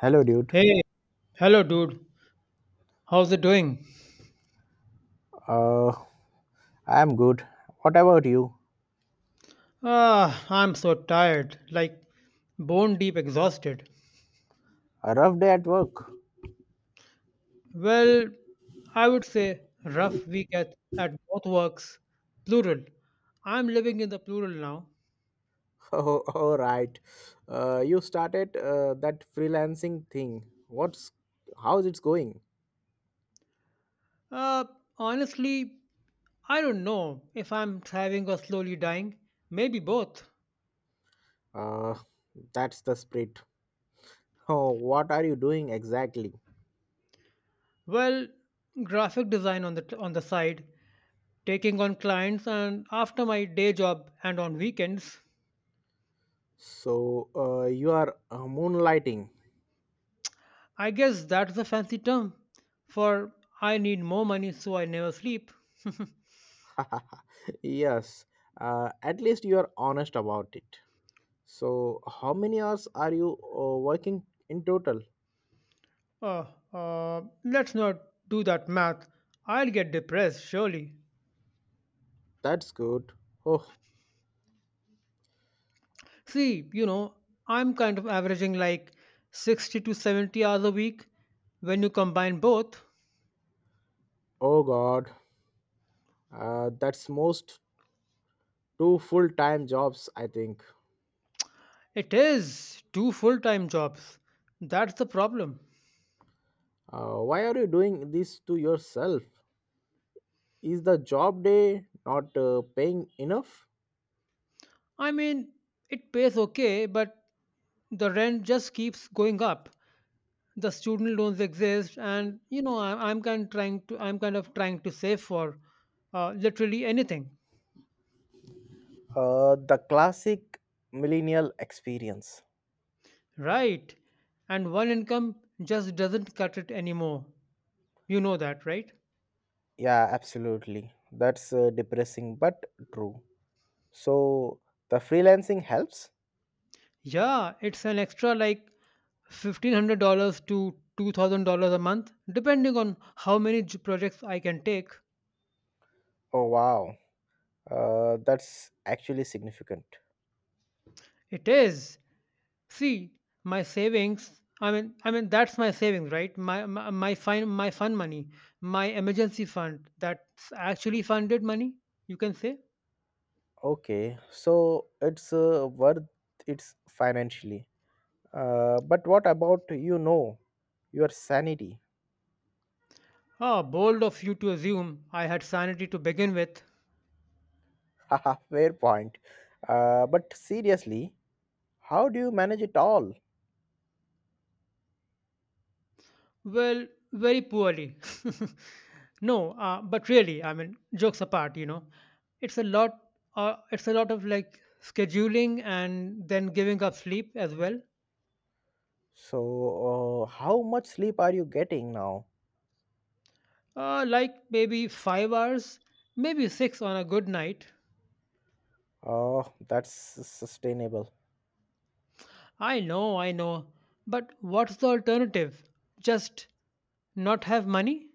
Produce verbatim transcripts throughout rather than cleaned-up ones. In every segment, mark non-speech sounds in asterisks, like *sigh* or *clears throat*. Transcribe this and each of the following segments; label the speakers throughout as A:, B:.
A: Hello, dude.
B: Hey, hello, dude. How's it doing?
A: Uh, I'm good. What about you?
B: Ah, I'm so tired, like bone deep exhausted.
A: A rough day at work.
B: Well, I would say rough week at, at both works, plural. I'm living in the plural now.
A: *laughs* Oh, all right. Uh, you started uh, that freelancing thing. What's how's it going?
B: Uh, Honestly, I don't know if I'm thriving or slowly dying. Maybe both.
A: Uh, that's the spirit. *laughs* Oh, what are you doing exactly?
B: Well, graphic design on the on the side, taking on clients and after my day job and on weekends.
A: So, uh, you are uh, moonlighting.
B: I guess that's a fancy term for I need more money so I never sleep.
A: *laughs* Yes. Uh, at least you are honest about it. So, how many hours are you uh, working in total?
B: Oh, uh, let's not do that math. I'll get depressed, surely.
A: That's good. Oh,
B: See, you know, I'm kind of averaging like sixty to seventy hours a week when you combine both.
A: oh God. Uh, that's most two full-time jobs, I think.
B: It is two full time jobs. That's the problem.
A: Uh, why are you doing this to yourself? Is the job day not uh, paying enough?
B: I mean, it pays okay, but the rent just keeps going up. the student loans exist, and you know I, i'm kind trying to i'm kind of trying to save for uh, literally anything.
A: Uh, the classic millennial experience.
B: Right. And one income just doesn't cut it anymore, you know that, right?
A: Yeah, absolutely. That's uh, depressing but true. So, the freelancing helps?
B: Yeah, it's an extra like fifteen hundred dollars to two thousand dollars a month, depending on how many j- projects I can take.
A: Oh, wow. Uh, that's actually significant.
B: It is. See, my savings. I mean, I mean that's my savings, right? My my, my fine my fun money, my emergency fund. That's actually funded money, you can say.
A: Okay, so it's uh, worth it's financially. Uh, but what about you know your sanity.
B: Ah, bold of you to assume I had sanity to begin with.
A: *laughs* Haha, fair point. Uh, but seriously, how do you manage it all?
B: Well, very poorly. *laughs* No, uh, but really, I mean, jokes apart, you know, it's a lot. Uh, it's a lot of like scheduling and then giving up sleep as well.
A: So, uh, how much sleep are you getting now?
B: Uh, like maybe five hours, maybe six on a good night.
A: Oh, that's sustainable.
B: I know, I know. But what's the alternative? Just not have money?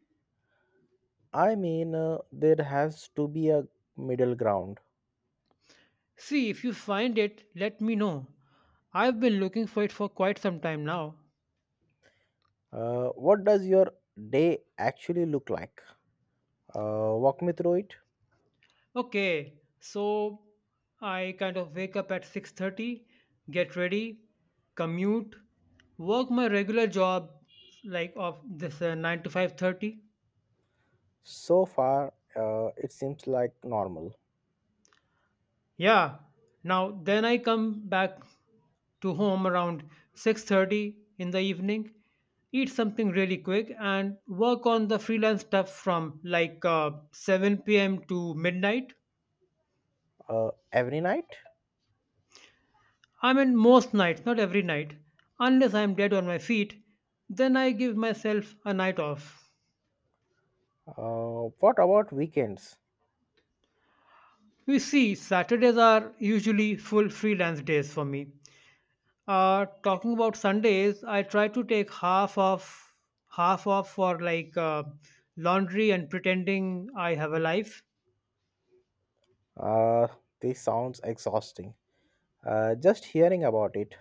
A: I mean, uh, there has to be a middle ground.
B: See, if you find it, let me know. I've been looking for it for quite some time now.
A: Uh, what does your day actually look like? Uh, walk me through it.
B: Okay, so I kind of wake up at six thirty, get ready, commute, work my regular job like of this uh, nine to five thirty.
A: So far, uh, it seems like normal.
B: Yeah. Now then I come back to home around six thirty in the evening, eat something really quick and work on the freelance stuff from like uh, seven p m to midnight.
A: Uh, every night?
B: I mean most nights, not every night, unless I'm dead on my feet, then I give myself a night off.
A: Uh, what about weekends?
B: You see, Saturdays are usually full freelance days for me. Uh, talking about Sundays, I try to take half off, half off for like uh, laundry and pretending I have a life.
A: Uh, this sounds exhausting. Uh, just hearing about it,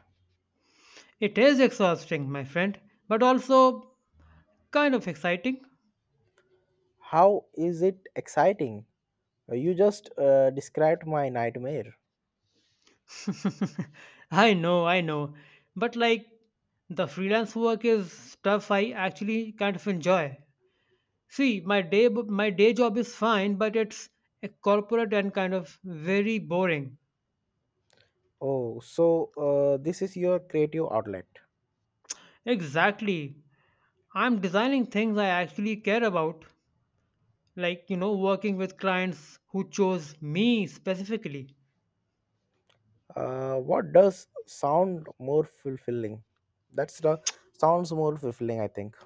B: It is exhausting, my friend, but also kind of exciting.
A: how is it exciting? Uh, You just uh, described my nightmare.
B: *laughs* I know, I know, but like the freelance work is stuff I actually kind of enjoy. See, my day my day job is fine, but it's a corporate and kind of very boring.
A: Oh, so uh, this is your creative outlet.
B: Exactly. I'm designing things I actually care about, like, you know, working with clients who chose me specifically.
A: Uh, what does sound more fulfilling? That's the sounds more fulfilling, I think.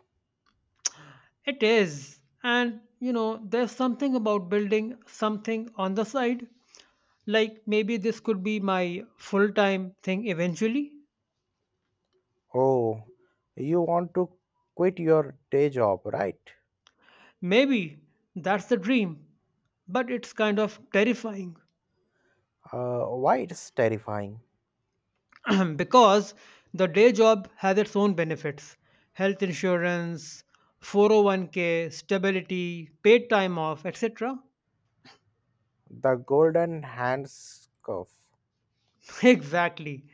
B: It is. And, you know, there's something about building something on the side. Like, maybe this could be my full time thing eventually.
A: Oh, you want to quit your day job, right?
B: Maybe that's the dream, but it's kind of terrifying.
A: Uh, why it's terrifying?
B: *clears throat* Because the day job has its own benefits: health insurance, four oh one k, stability, paid time off, et cetera
A: The golden handcuff.
B: *laughs* Exactly.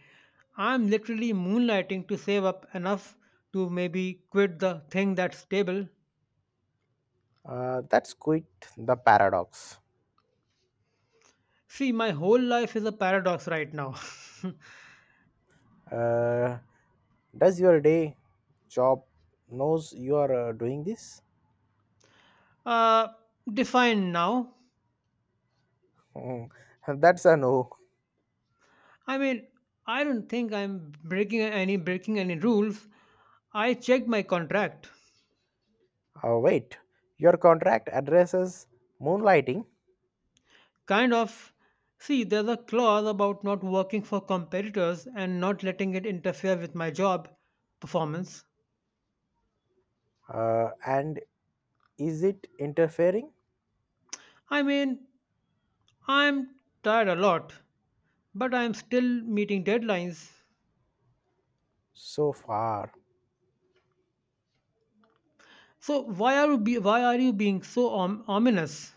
B: I'm literally moonlighting to save up enough to maybe quit the thing that's stable.
A: Uh, that's quite the paradox.
B: See, my whole life is a paradox right now.
A: Uh, does your day job knows you are uh, doing this?
B: *laughs* uh, Defined now.
A: Hmm, *laughs* that's a no.
B: I mean, I don't think I'm breaking any breaking any rules. I checked my contract.
A: Uh, wait, your contract addresses moonlighting,
B: Kind of. See, there's a clause about not working for competitors and not letting it interfere with my job performance.
A: uh, and is it interfering?
B: I mean, I'm tired a lot, but I'm still meeting deadlines.
A: So far,
B: So why are you be, why are you being so om- ominous?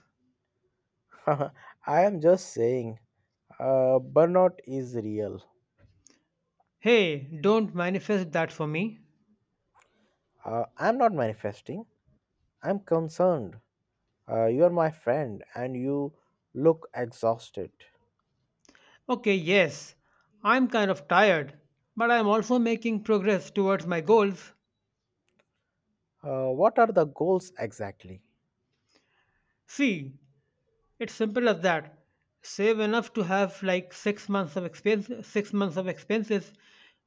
A: *laughs* I am just saying, uh, burnout is real.
B: Hey, don't manifest that for me.
A: Uh, I'm not manifesting. I'm concerned. Uh, you are my friend, and you look exhausted.
B: Okay, yes, I'm kind of tired, but I'm also making progress towards my goals.
A: Uh, what are the goals exactly,
B: See, It's simple as that. Save enough to have like six months of expense, six months of expenses,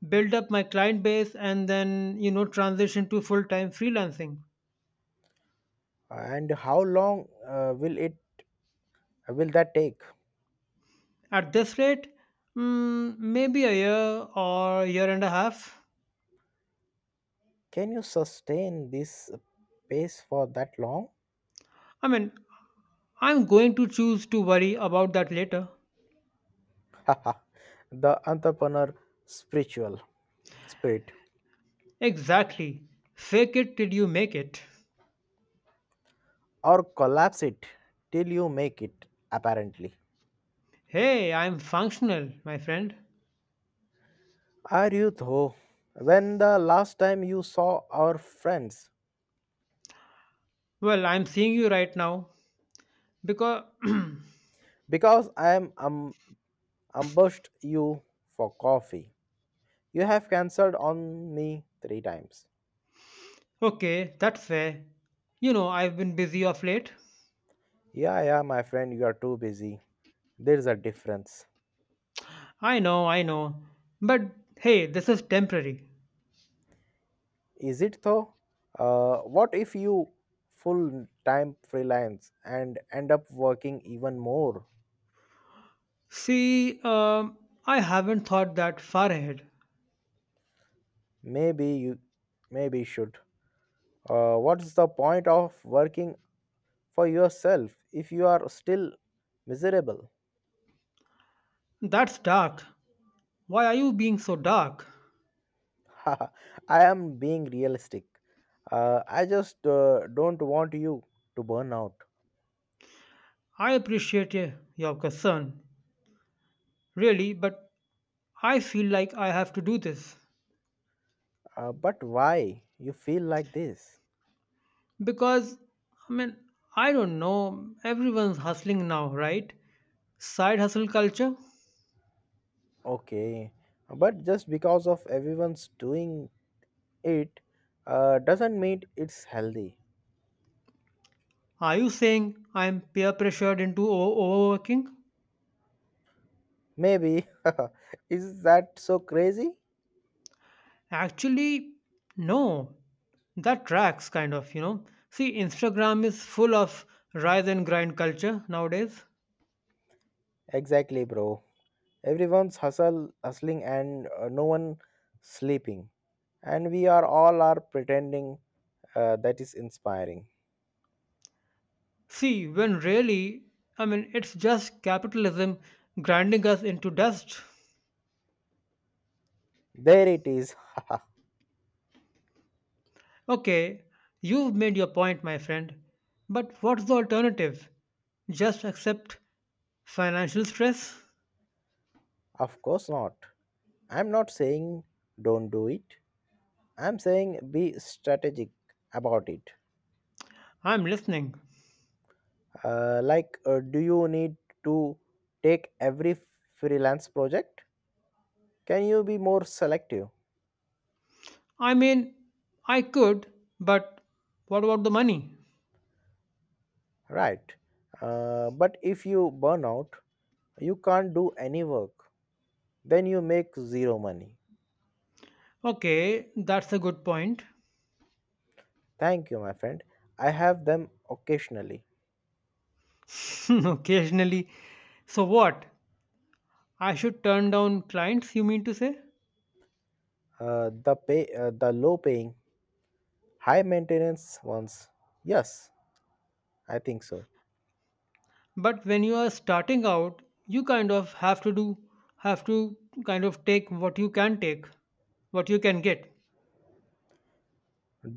B: build up my client base, and then you know transition to full time freelancing.
A: and how long uh, will it will that take?
B: At this rate, mm, maybe a year or a year and a half.
A: Can you sustain this pace for that long?
B: I mean, I'm going to choose to worry about that later.
A: *laughs* The entrepreneur spiritual spirit,
B: Exactly. Fake it till you make it.
A: or collapse it till you make it. Apparently,
B: Hey, I'm functional, my friend.
A: are you though? When the last time you saw our friends?
B: Well, I'm seeing you right now because.
A: Because I am um, ambushed you for coffee. You have cancelled on me three times.
B: Okay, that's fair. You know, I've been busy of late.
A: Yeah, yeah, my friend, you are too busy. There's a difference.
B: I know, I know. But hey, this is temporary.
A: Is it though? Uh, what if you full time freelance and end up working even more?
B: See, um, I haven't thought that far ahead.
A: Maybe you maybe should. Uh, what's the point of working for yourself if you are still miserable?
B: That's dark. Why are you being so dark?
A: *laughs* I am being realistic. Uh, I just uh, don't want you to burn out.
B: I appreciate y- your concern, really, but I feel like I have to do this.
A: Uh, but why you feel like this?
B: Because, I mean, I don't know, everyone's hustling now, right? Side hustle culture?
A: Okay, but just because of everyone's doing it uh, doesn't mean it's healthy.
B: Are you saying I'm peer pressured into o- overworking?
A: Maybe. *laughs* Is that so crazy?
B: Actually, no. That tracks kind of, you know. See, Instagram is full of rise and grind culture nowadays.
A: Exactly, bro. Everyone's hustle, hustling, and uh, no one sleeping, and we are all are pretending uh, that is inspiring.
B: See, when really, I mean, it's just capitalism grinding us into dust.
A: There it is.
B: Okay, you've made your point, my friend. But what's the alternative? Just accept financial stress?
A: *laughs* Of course not. I'm not saying don't do it. I'm saying be strategic about it.
B: I'm listening.
A: uh, like uh, do you need to take every freelance project, can you be more selective?
B: I mean, I could, but what about the money?
A: Right, uh, but if you burn out, you can't do any work, then you make zero money.
B: Okay, that's a good point.
A: Thank you, my friend. I have them occasionally.
B: *laughs* Occasionally. So what? I should turn down clients, you mean to say?
A: Uh, the pay uh, the low paying, high maintenance ones, yes, I think so.
B: But when you are starting out, you kind of have to do have to kind of take what you can take, what you can get.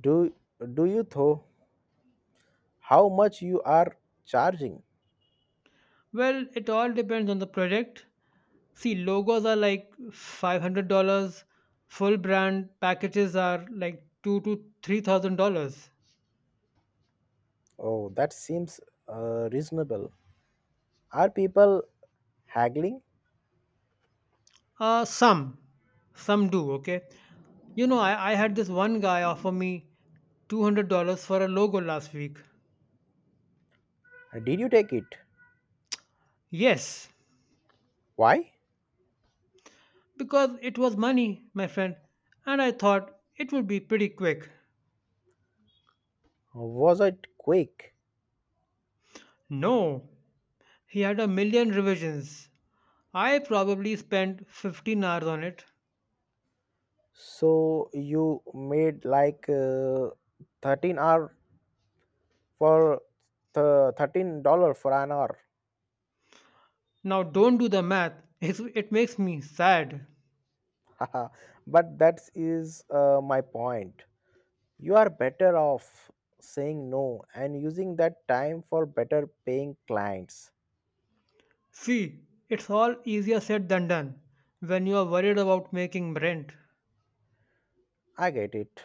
A: Do do you though? How much you are charging?
B: Well, it all depends on the project. See, logos are like five hundred dollars full brand packages are like two to three thousand dollars.
A: Oh, that seems uh, reasonable. Are people haggling?
B: Uh, some, some do. Okay, you know, I, I had this one guy offer me two hundred dollars for a logo last week.
A: Did you take it?
B: Yes,
A: Why?
B: because it was money, my friend, and I thought it would be pretty quick.
A: Was it quick?
B: No, he had a million revisions. I probably spent fifteen hours on it.
A: So you made like uh, thirteen hour for th- thirteen dollar for an hour.
B: Now, don't do the math, *laughs* it's, it makes me sad.
A: *laughs* But that is uh, my point. You are better off saying no and using that time for better paying clients.
B: See, it's all easier said than done when you are worried about making rent.
A: I get it.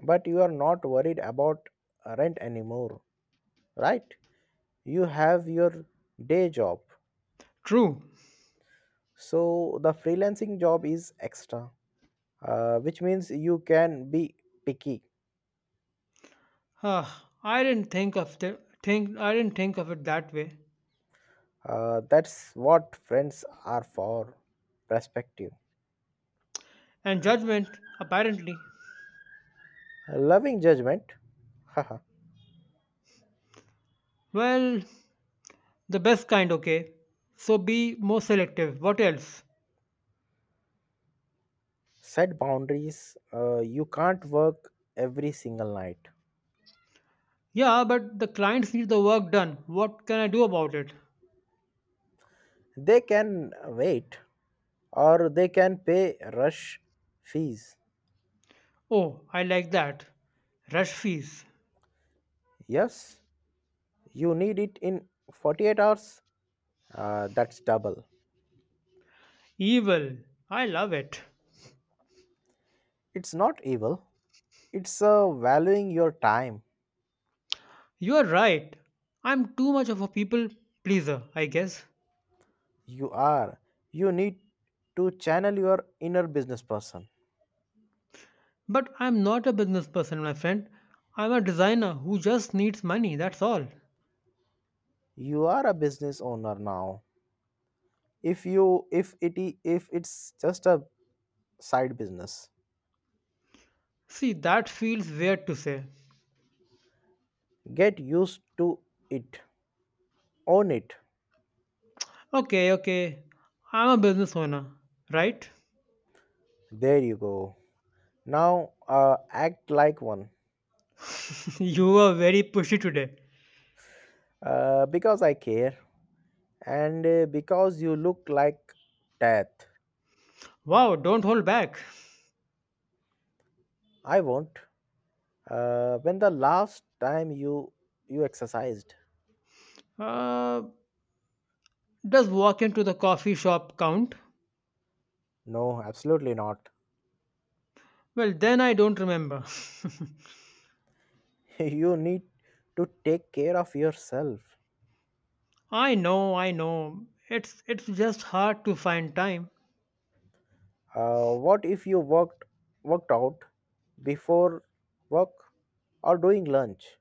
A: But you are not worried about rent anymore, right? You have your day job.
B: True.
A: So the freelancing job is extra, uh, which means you can be picky.
B: Huh, I didn't think of the think I didn't think of it that way.
A: Uh, that's what friends are for, perspective.
B: And judgment, apparently.
A: Loving judgment, haha.
B: Well, the best kind, okay. So be more selective. What else?
A: Set boundaries. Uh, you can't work every single night.
B: Yeah, but the clients need the work done. What can I do about it?
A: They can wait or they can pay rush fees.
B: Oh, I like that. Rush fees.
A: Yes, you need it in forty-eight hours. Uh, that's double.
B: Evil. I love it.
A: It's not evil, it's uh, valuing your time.
B: You're right. I'm too much of a people pleaser, I guess.
A: You are. You need to channel your inner business person.
B: But I'm not a business person, my friend. I'm a designer who just needs money, that's all.
A: You are a business owner now. If you if it I- if it's just a side business,
B: See, that feels weird to say.
A: get used to it. Own it.
B: Okay, okay, I'm a business owner, right?
A: There you go. Now uh, act like one.
B: *laughs* You were very pushy today.
A: Uh, because I care, and uh, because you look like death.
B: Wow, don't hold back.
A: I won't. Uh, when the last time you you exercised?
B: Uh, does walk into the coffee shop count?
A: No, absolutely not.
B: Well, then I don't remember.
A: *laughs* You need to take care of yourself.
B: *laughs* I know, I know. It's it's just hard to find time.
A: Uh, what if you worked worked out before work or during lunch?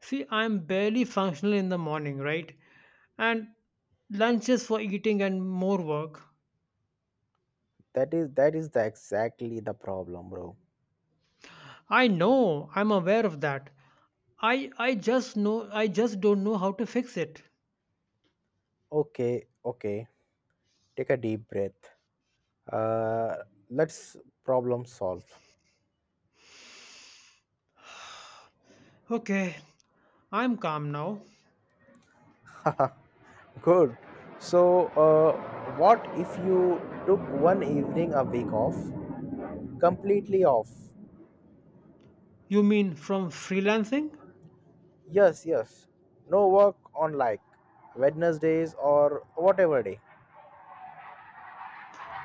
B: See, I'm barely functional in the morning, right? And lunches for eating and more work.
A: That is that is the exactly the problem, bro.
B: I know, I'm aware of that. I I just know I just don't know how to fix it.
A: Okay, okay. Take a deep breath. Uh, let's problem solve.
B: Okay, I'm calm now.
A: *laughs* Good. So, uh, what if you took one evening a week off, completely off?
B: You mean from freelancing?
A: Yes, yes. No work on like Wednesdays or whatever day.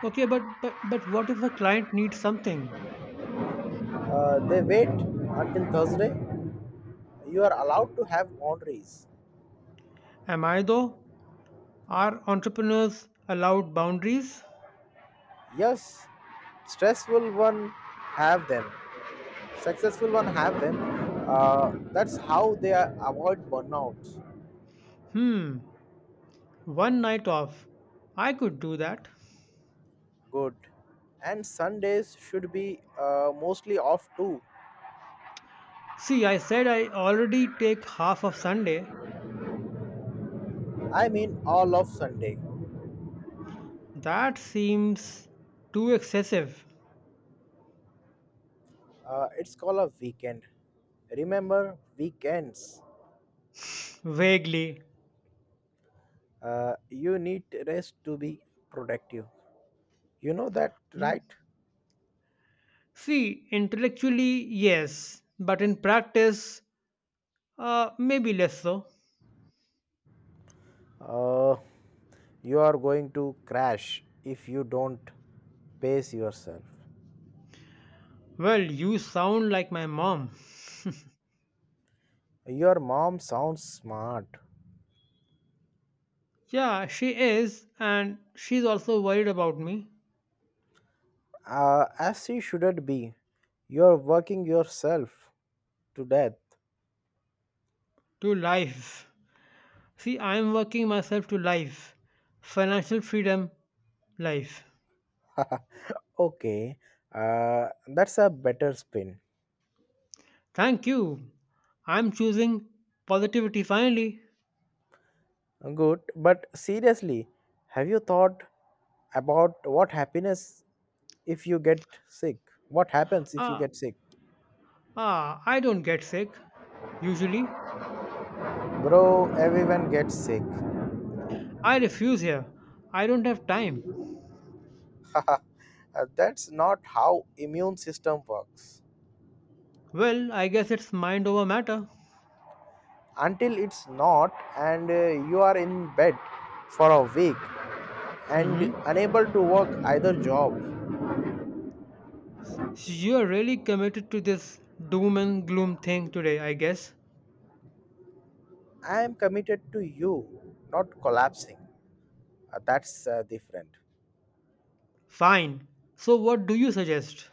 B: Okay, but but but what if a client needs something?
A: Uh, they wait until Thursday. You are allowed to have boundaries.
B: Am I though? Are entrepreneurs allowed boundaries?
A: Yes, stressful one have them. Successful one have them. Uh, that's how they are avoid burnouts.
B: Hmm, one night off. I could do that.
A: Good. And Sundays should be uh, mostly off too.
B: See, I said I already take half of Sunday.
A: I mean all of Sunday.
B: That seems too excessive.
A: Uh, it's called a weekend. Remember weekends.
B: Vaguely.
A: Uh, you need rest to be productive. You know that, right?
B: See, intellectually, yes, but in practice, uh, maybe less so.
A: Uh, you are going to crash if you don't pace yourself.
B: Well, you sound like my mom.
A: Your mom sounds smart,
B: Yeah, she is, and she's also worried about me.
A: uh, as she shouldn't be. You're working yourself to death.
B: To life. See, I'm working myself to life. Financial freedom, life.
A: *laughs* Okay, uh, that's a better spin.
B: Thank you. I'm choosing positivity finally.
A: Good, but seriously, have you thought about what happiness if you get sick? What happens if you
B: Ah,
A: get sick?
B: ah, I don't get sick, usually.
A: Bro, everyone gets sick.
B: I refuse here. I don't have time.
A: Uh, that's not how immune system works.
B: Well, I guess it's mind over matter.
A: Until it's not, and uh, you are in bed for a week and
B: Mm-hmm.
A: unable to work either job.
B: So You're really committed to this doom and gloom thing today, I guess.
A: I am committed to you, not collapsing. Uh, that's uh, different.
B: Fine. So, what do you suggest?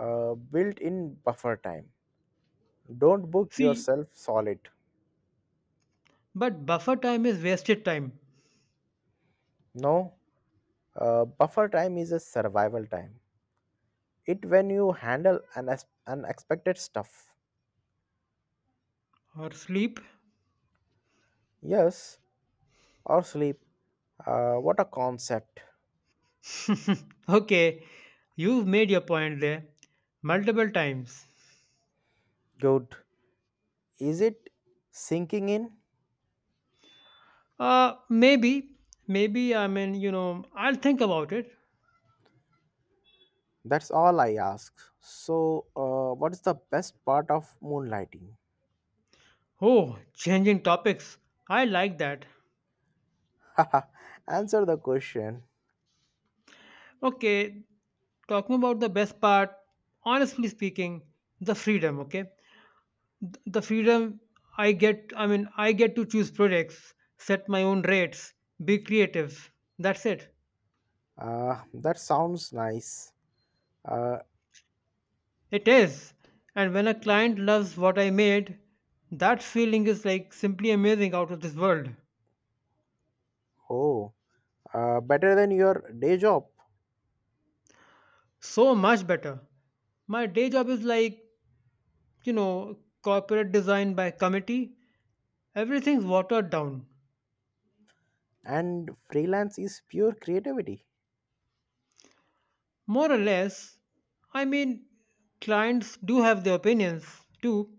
A: Uh, built in buffer time. Don't book
B: See,
A: yourself solid.
B: but buffer time is wasted time.
A: No, uh, buffer time is a survival time. It when you handle an unexpected stuff.
B: Or sleep?
A: Yes, or sleep. Uh, what a concept.
B: *laughs* Okay, you've made your point there. Multiple times.
A: Good. Is it sinking in?
B: Uh, maybe. Maybe, I mean, you know, I'll think about it.
A: That's all I ask. So, uh, what is the best part of moonlighting?
B: Oh, changing topics. I like that.
A: *laughs* Answer the question.
B: Okay, talking about the best part, honestly speaking, the freedom, okay? Th- The freedom I get, I mean, I get to choose products, set my own rates, be creative. That's it.
A: Uh, that sounds nice. Uh,
B: It is. And when a client loves what I made, that feeling is like simply amazing out of this world.
A: oh, uh, better than your day job.
B: So much better. My day job is like, you know, corporate design by committee. Everything's watered down.
A: And freelance is pure creativity.
B: More or less, I mean, clients do have their opinions too,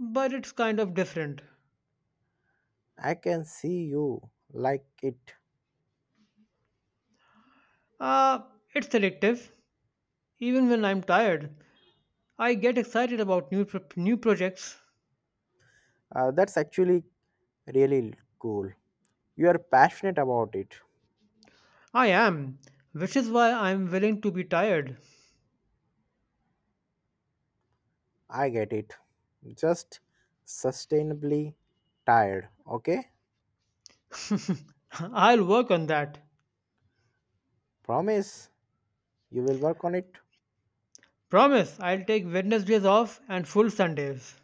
B: but it's kind of different.
A: I can see you like it.
B: Uh, it's selective. Even when I'm tired, I get excited about new pro- new projects.
A: Uh, that's actually really cool, you are passionate about it.
B: I am, which is why I'm willing to be tired.
A: I get it, just sustainably tired, okay?
B: *laughs* I'll work on that.
A: Promise you will work on it.
B: Promise, I'll take Wednesdays off and full Sundays.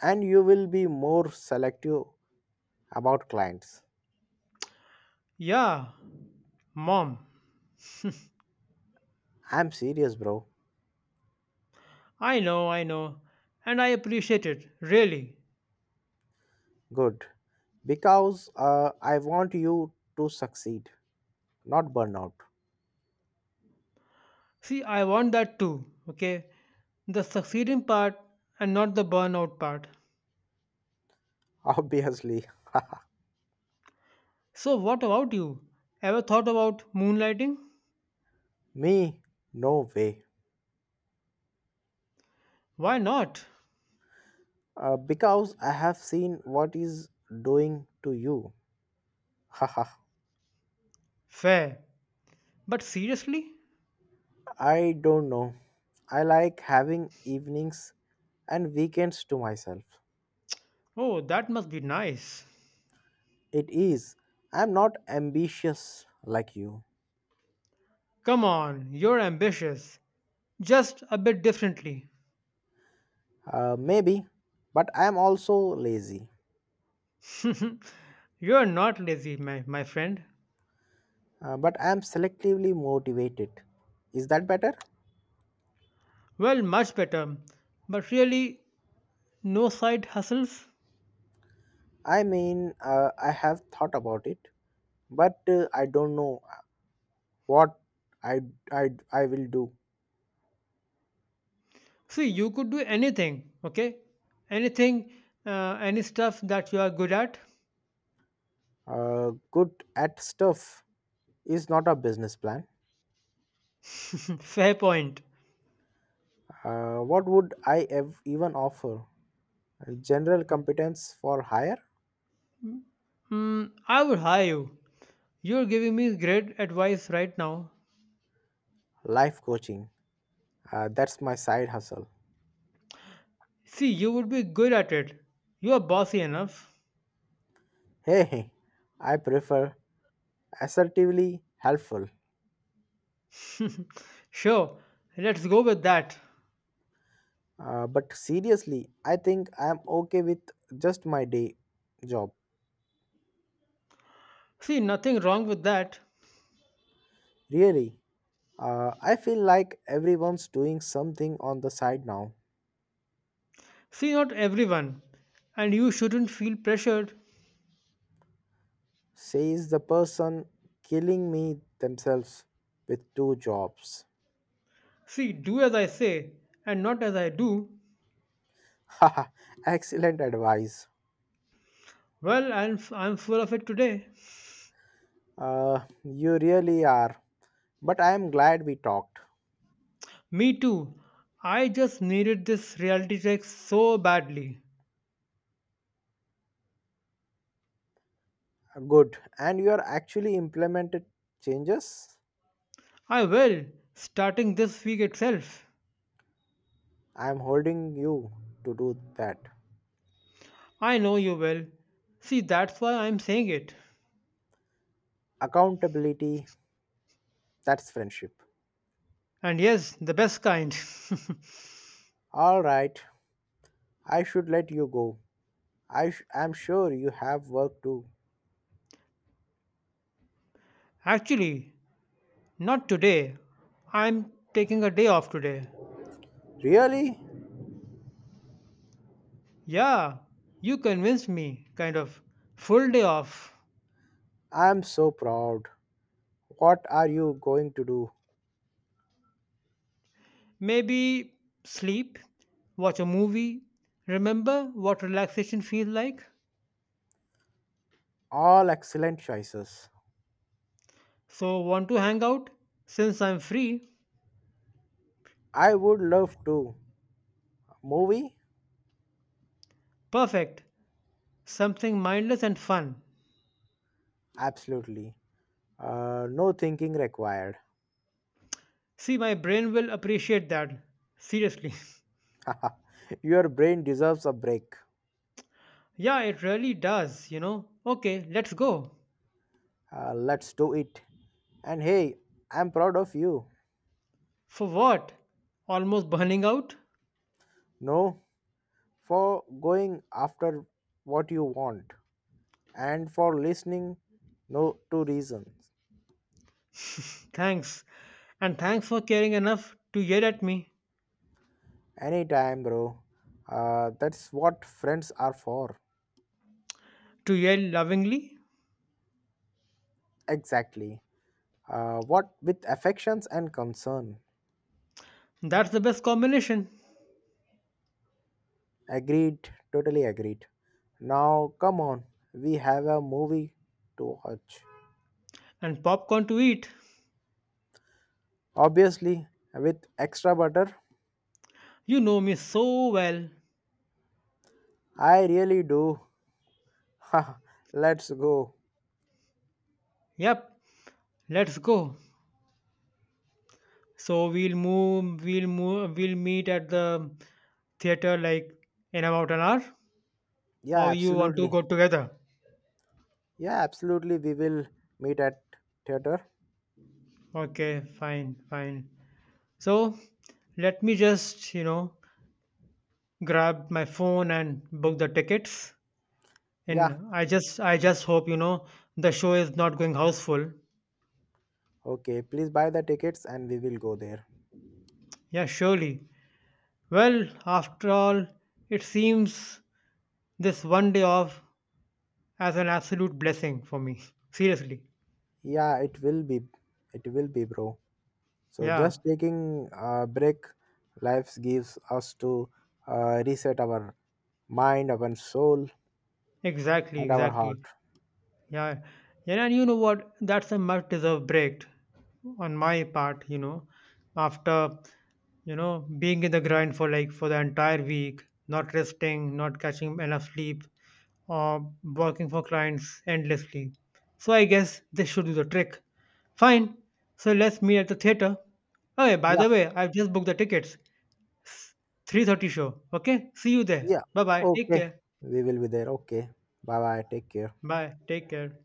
A: And you will be more selective about clients.
B: Yeah, mom.
A: I'm serious, bro.
B: I know, I know, and I appreciate it, really.
A: Good, because uh, I want you to succeed, not burn out.
B: See, I want that too, okay? The succeeding part and not the burnout part.
A: *laughs* Obviously.
B: So, what about you? Ever thought about moonlighting?
A: Me? No way.
B: Why not?
A: Uh, because I have seen what is doing to you. Haha.
B: Fair. But seriously?
A: I don't know. I like having evenings and weekends to myself.
B: Oh, that must be nice.
A: It is. I'm not ambitious like you.
B: Come on, you're ambitious. Just a bit differently.
A: Uh, maybe, but I'm also lazy.
B: You're not lazy, my, my friend.
A: Uh, but I'm selectively motivated. Is that better?
B: Well, much better. But really, no side hustles?
A: I mean, uh, I have thought about it, but uh, I don't know what I I I will do.
B: See, you could do anything, okay? Anything, uh, any stuff that you are good at.
A: Uh, good at stuff is not a business plan.
B: *laughs* Fair point.
A: Uh, what would I ev- even offer? General competence for hire,
B: Hmm, I would hire you. You're giving me great advice right now.
A: life coaching. Uh, that's my side hustle.
B: See, you would be good at it. You are bossy enough.
A: Hey, hey, I prefer assertively helpful.
B: Sure, let's go with that.
A: Uh, but seriously, I think I'm okay with just my day job.
B: See, nothing wrong with that.
A: Really, uh, I feel like everyone's doing something on the side now.
B: See, not everyone. And you shouldn't feel pressured.
A: Says the person killing me themselves with two jobs.
B: See, do as I say and not as I do.
A: *laughs* Haha, excellent advice.
B: Well, I'm, I'm full of it today.
A: Uh, you really are. But I am glad we talked.
B: Me too. I just needed this reality check so badly.
A: Good. And you are actually implemented changes?
B: I will, starting this week itself.
A: I am holding you to do that.
B: I know you well. See, that's why I'm saying it.
A: Accountability, that's friendship.
B: And yes, the best kind.
A: All right. I should let you go. I sh- am sure you have work too.
B: *laughs* Actually, not today. I'm taking a day off today.
A: Really?
B: Yeah, you convinced me, kind of. Full day off.
A: I am so proud. What are you going to do?
B: Maybe sleep, watch a movie, remember what relaxation feels like.
A: All excellent choices.
B: So, want to hang out? Since I'm free,
A: I would love to. Movie?
B: perfect. Something mindless and fun.
A: Absolutely. Uh, no thinking required.
B: See, my brain will appreciate that. Seriously. *laughs*
A: *laughs* Your brain deserves a break.
B: Yeah, it really does, you know. Okay, let's go.
A: Uh, let's do it. And hey, I'm proud of you.
B: For what? Almost burning out?
A: No, for going after what you want and for listening no to reasons.
B: Thanks. And thanks for caring enough to yell at me.
A: Anytime, bro. Uh, that's what friends are for.
B: To yell lovingly?
A: Exactly. Uh, what with affections and concern.
B: That's the best combination.
A: Agreed, totally agreed. Now, come on, we have a movie to watch.
B: And popcorn to eat.
A: Obviously, with extra butter.
B: You know me so well.
A: I really do. *laughs* Let's go.
B: Yep, let's go. So we'll move, we'll move, we'll meet at the theater like in about an hour?
A: Yeah,
B: Or you want to
A: absolutely.
B: go together?
A: Yeah, absolutely. We will meet at theater.
B: Okay, fine, fine. So let me just, you know, grab my phone and book the tickets.
A: Yeah,
B: And I just I just hope, you know, the show is not going houseful.
A: okay. Please buy the tickets and we will go there.
B: Yeah, surely. Well, after all, it seems this one day off as an absolute blessing for me. Seriously.
A: Yeah, it will be. It will be, bro. So
B: Yeah,
A: just taking a break, life gives us to uh, reset our mind, our soul,
B: exactly,
A: and our heart.
B: exactly. Yeah, yeah, and you know what? That's a much deserved break on my part, you know, after, you know, being in the grind for like for the entire week, not resting, not catching enough sleep, or working for clients endlessly. So I guess this should do the trick. Fine. So let's meet at the theater. Oh, yeah, by
A: Yeah,
B: the way, I've just booked the tickets. three thirty show. Okay? See you there.
A: yeah.
B: Bye-bye. Take
A: Okay.
B: care.
A: We will be there. Okay. Bye bye. Take care.
B: Bye. Take care.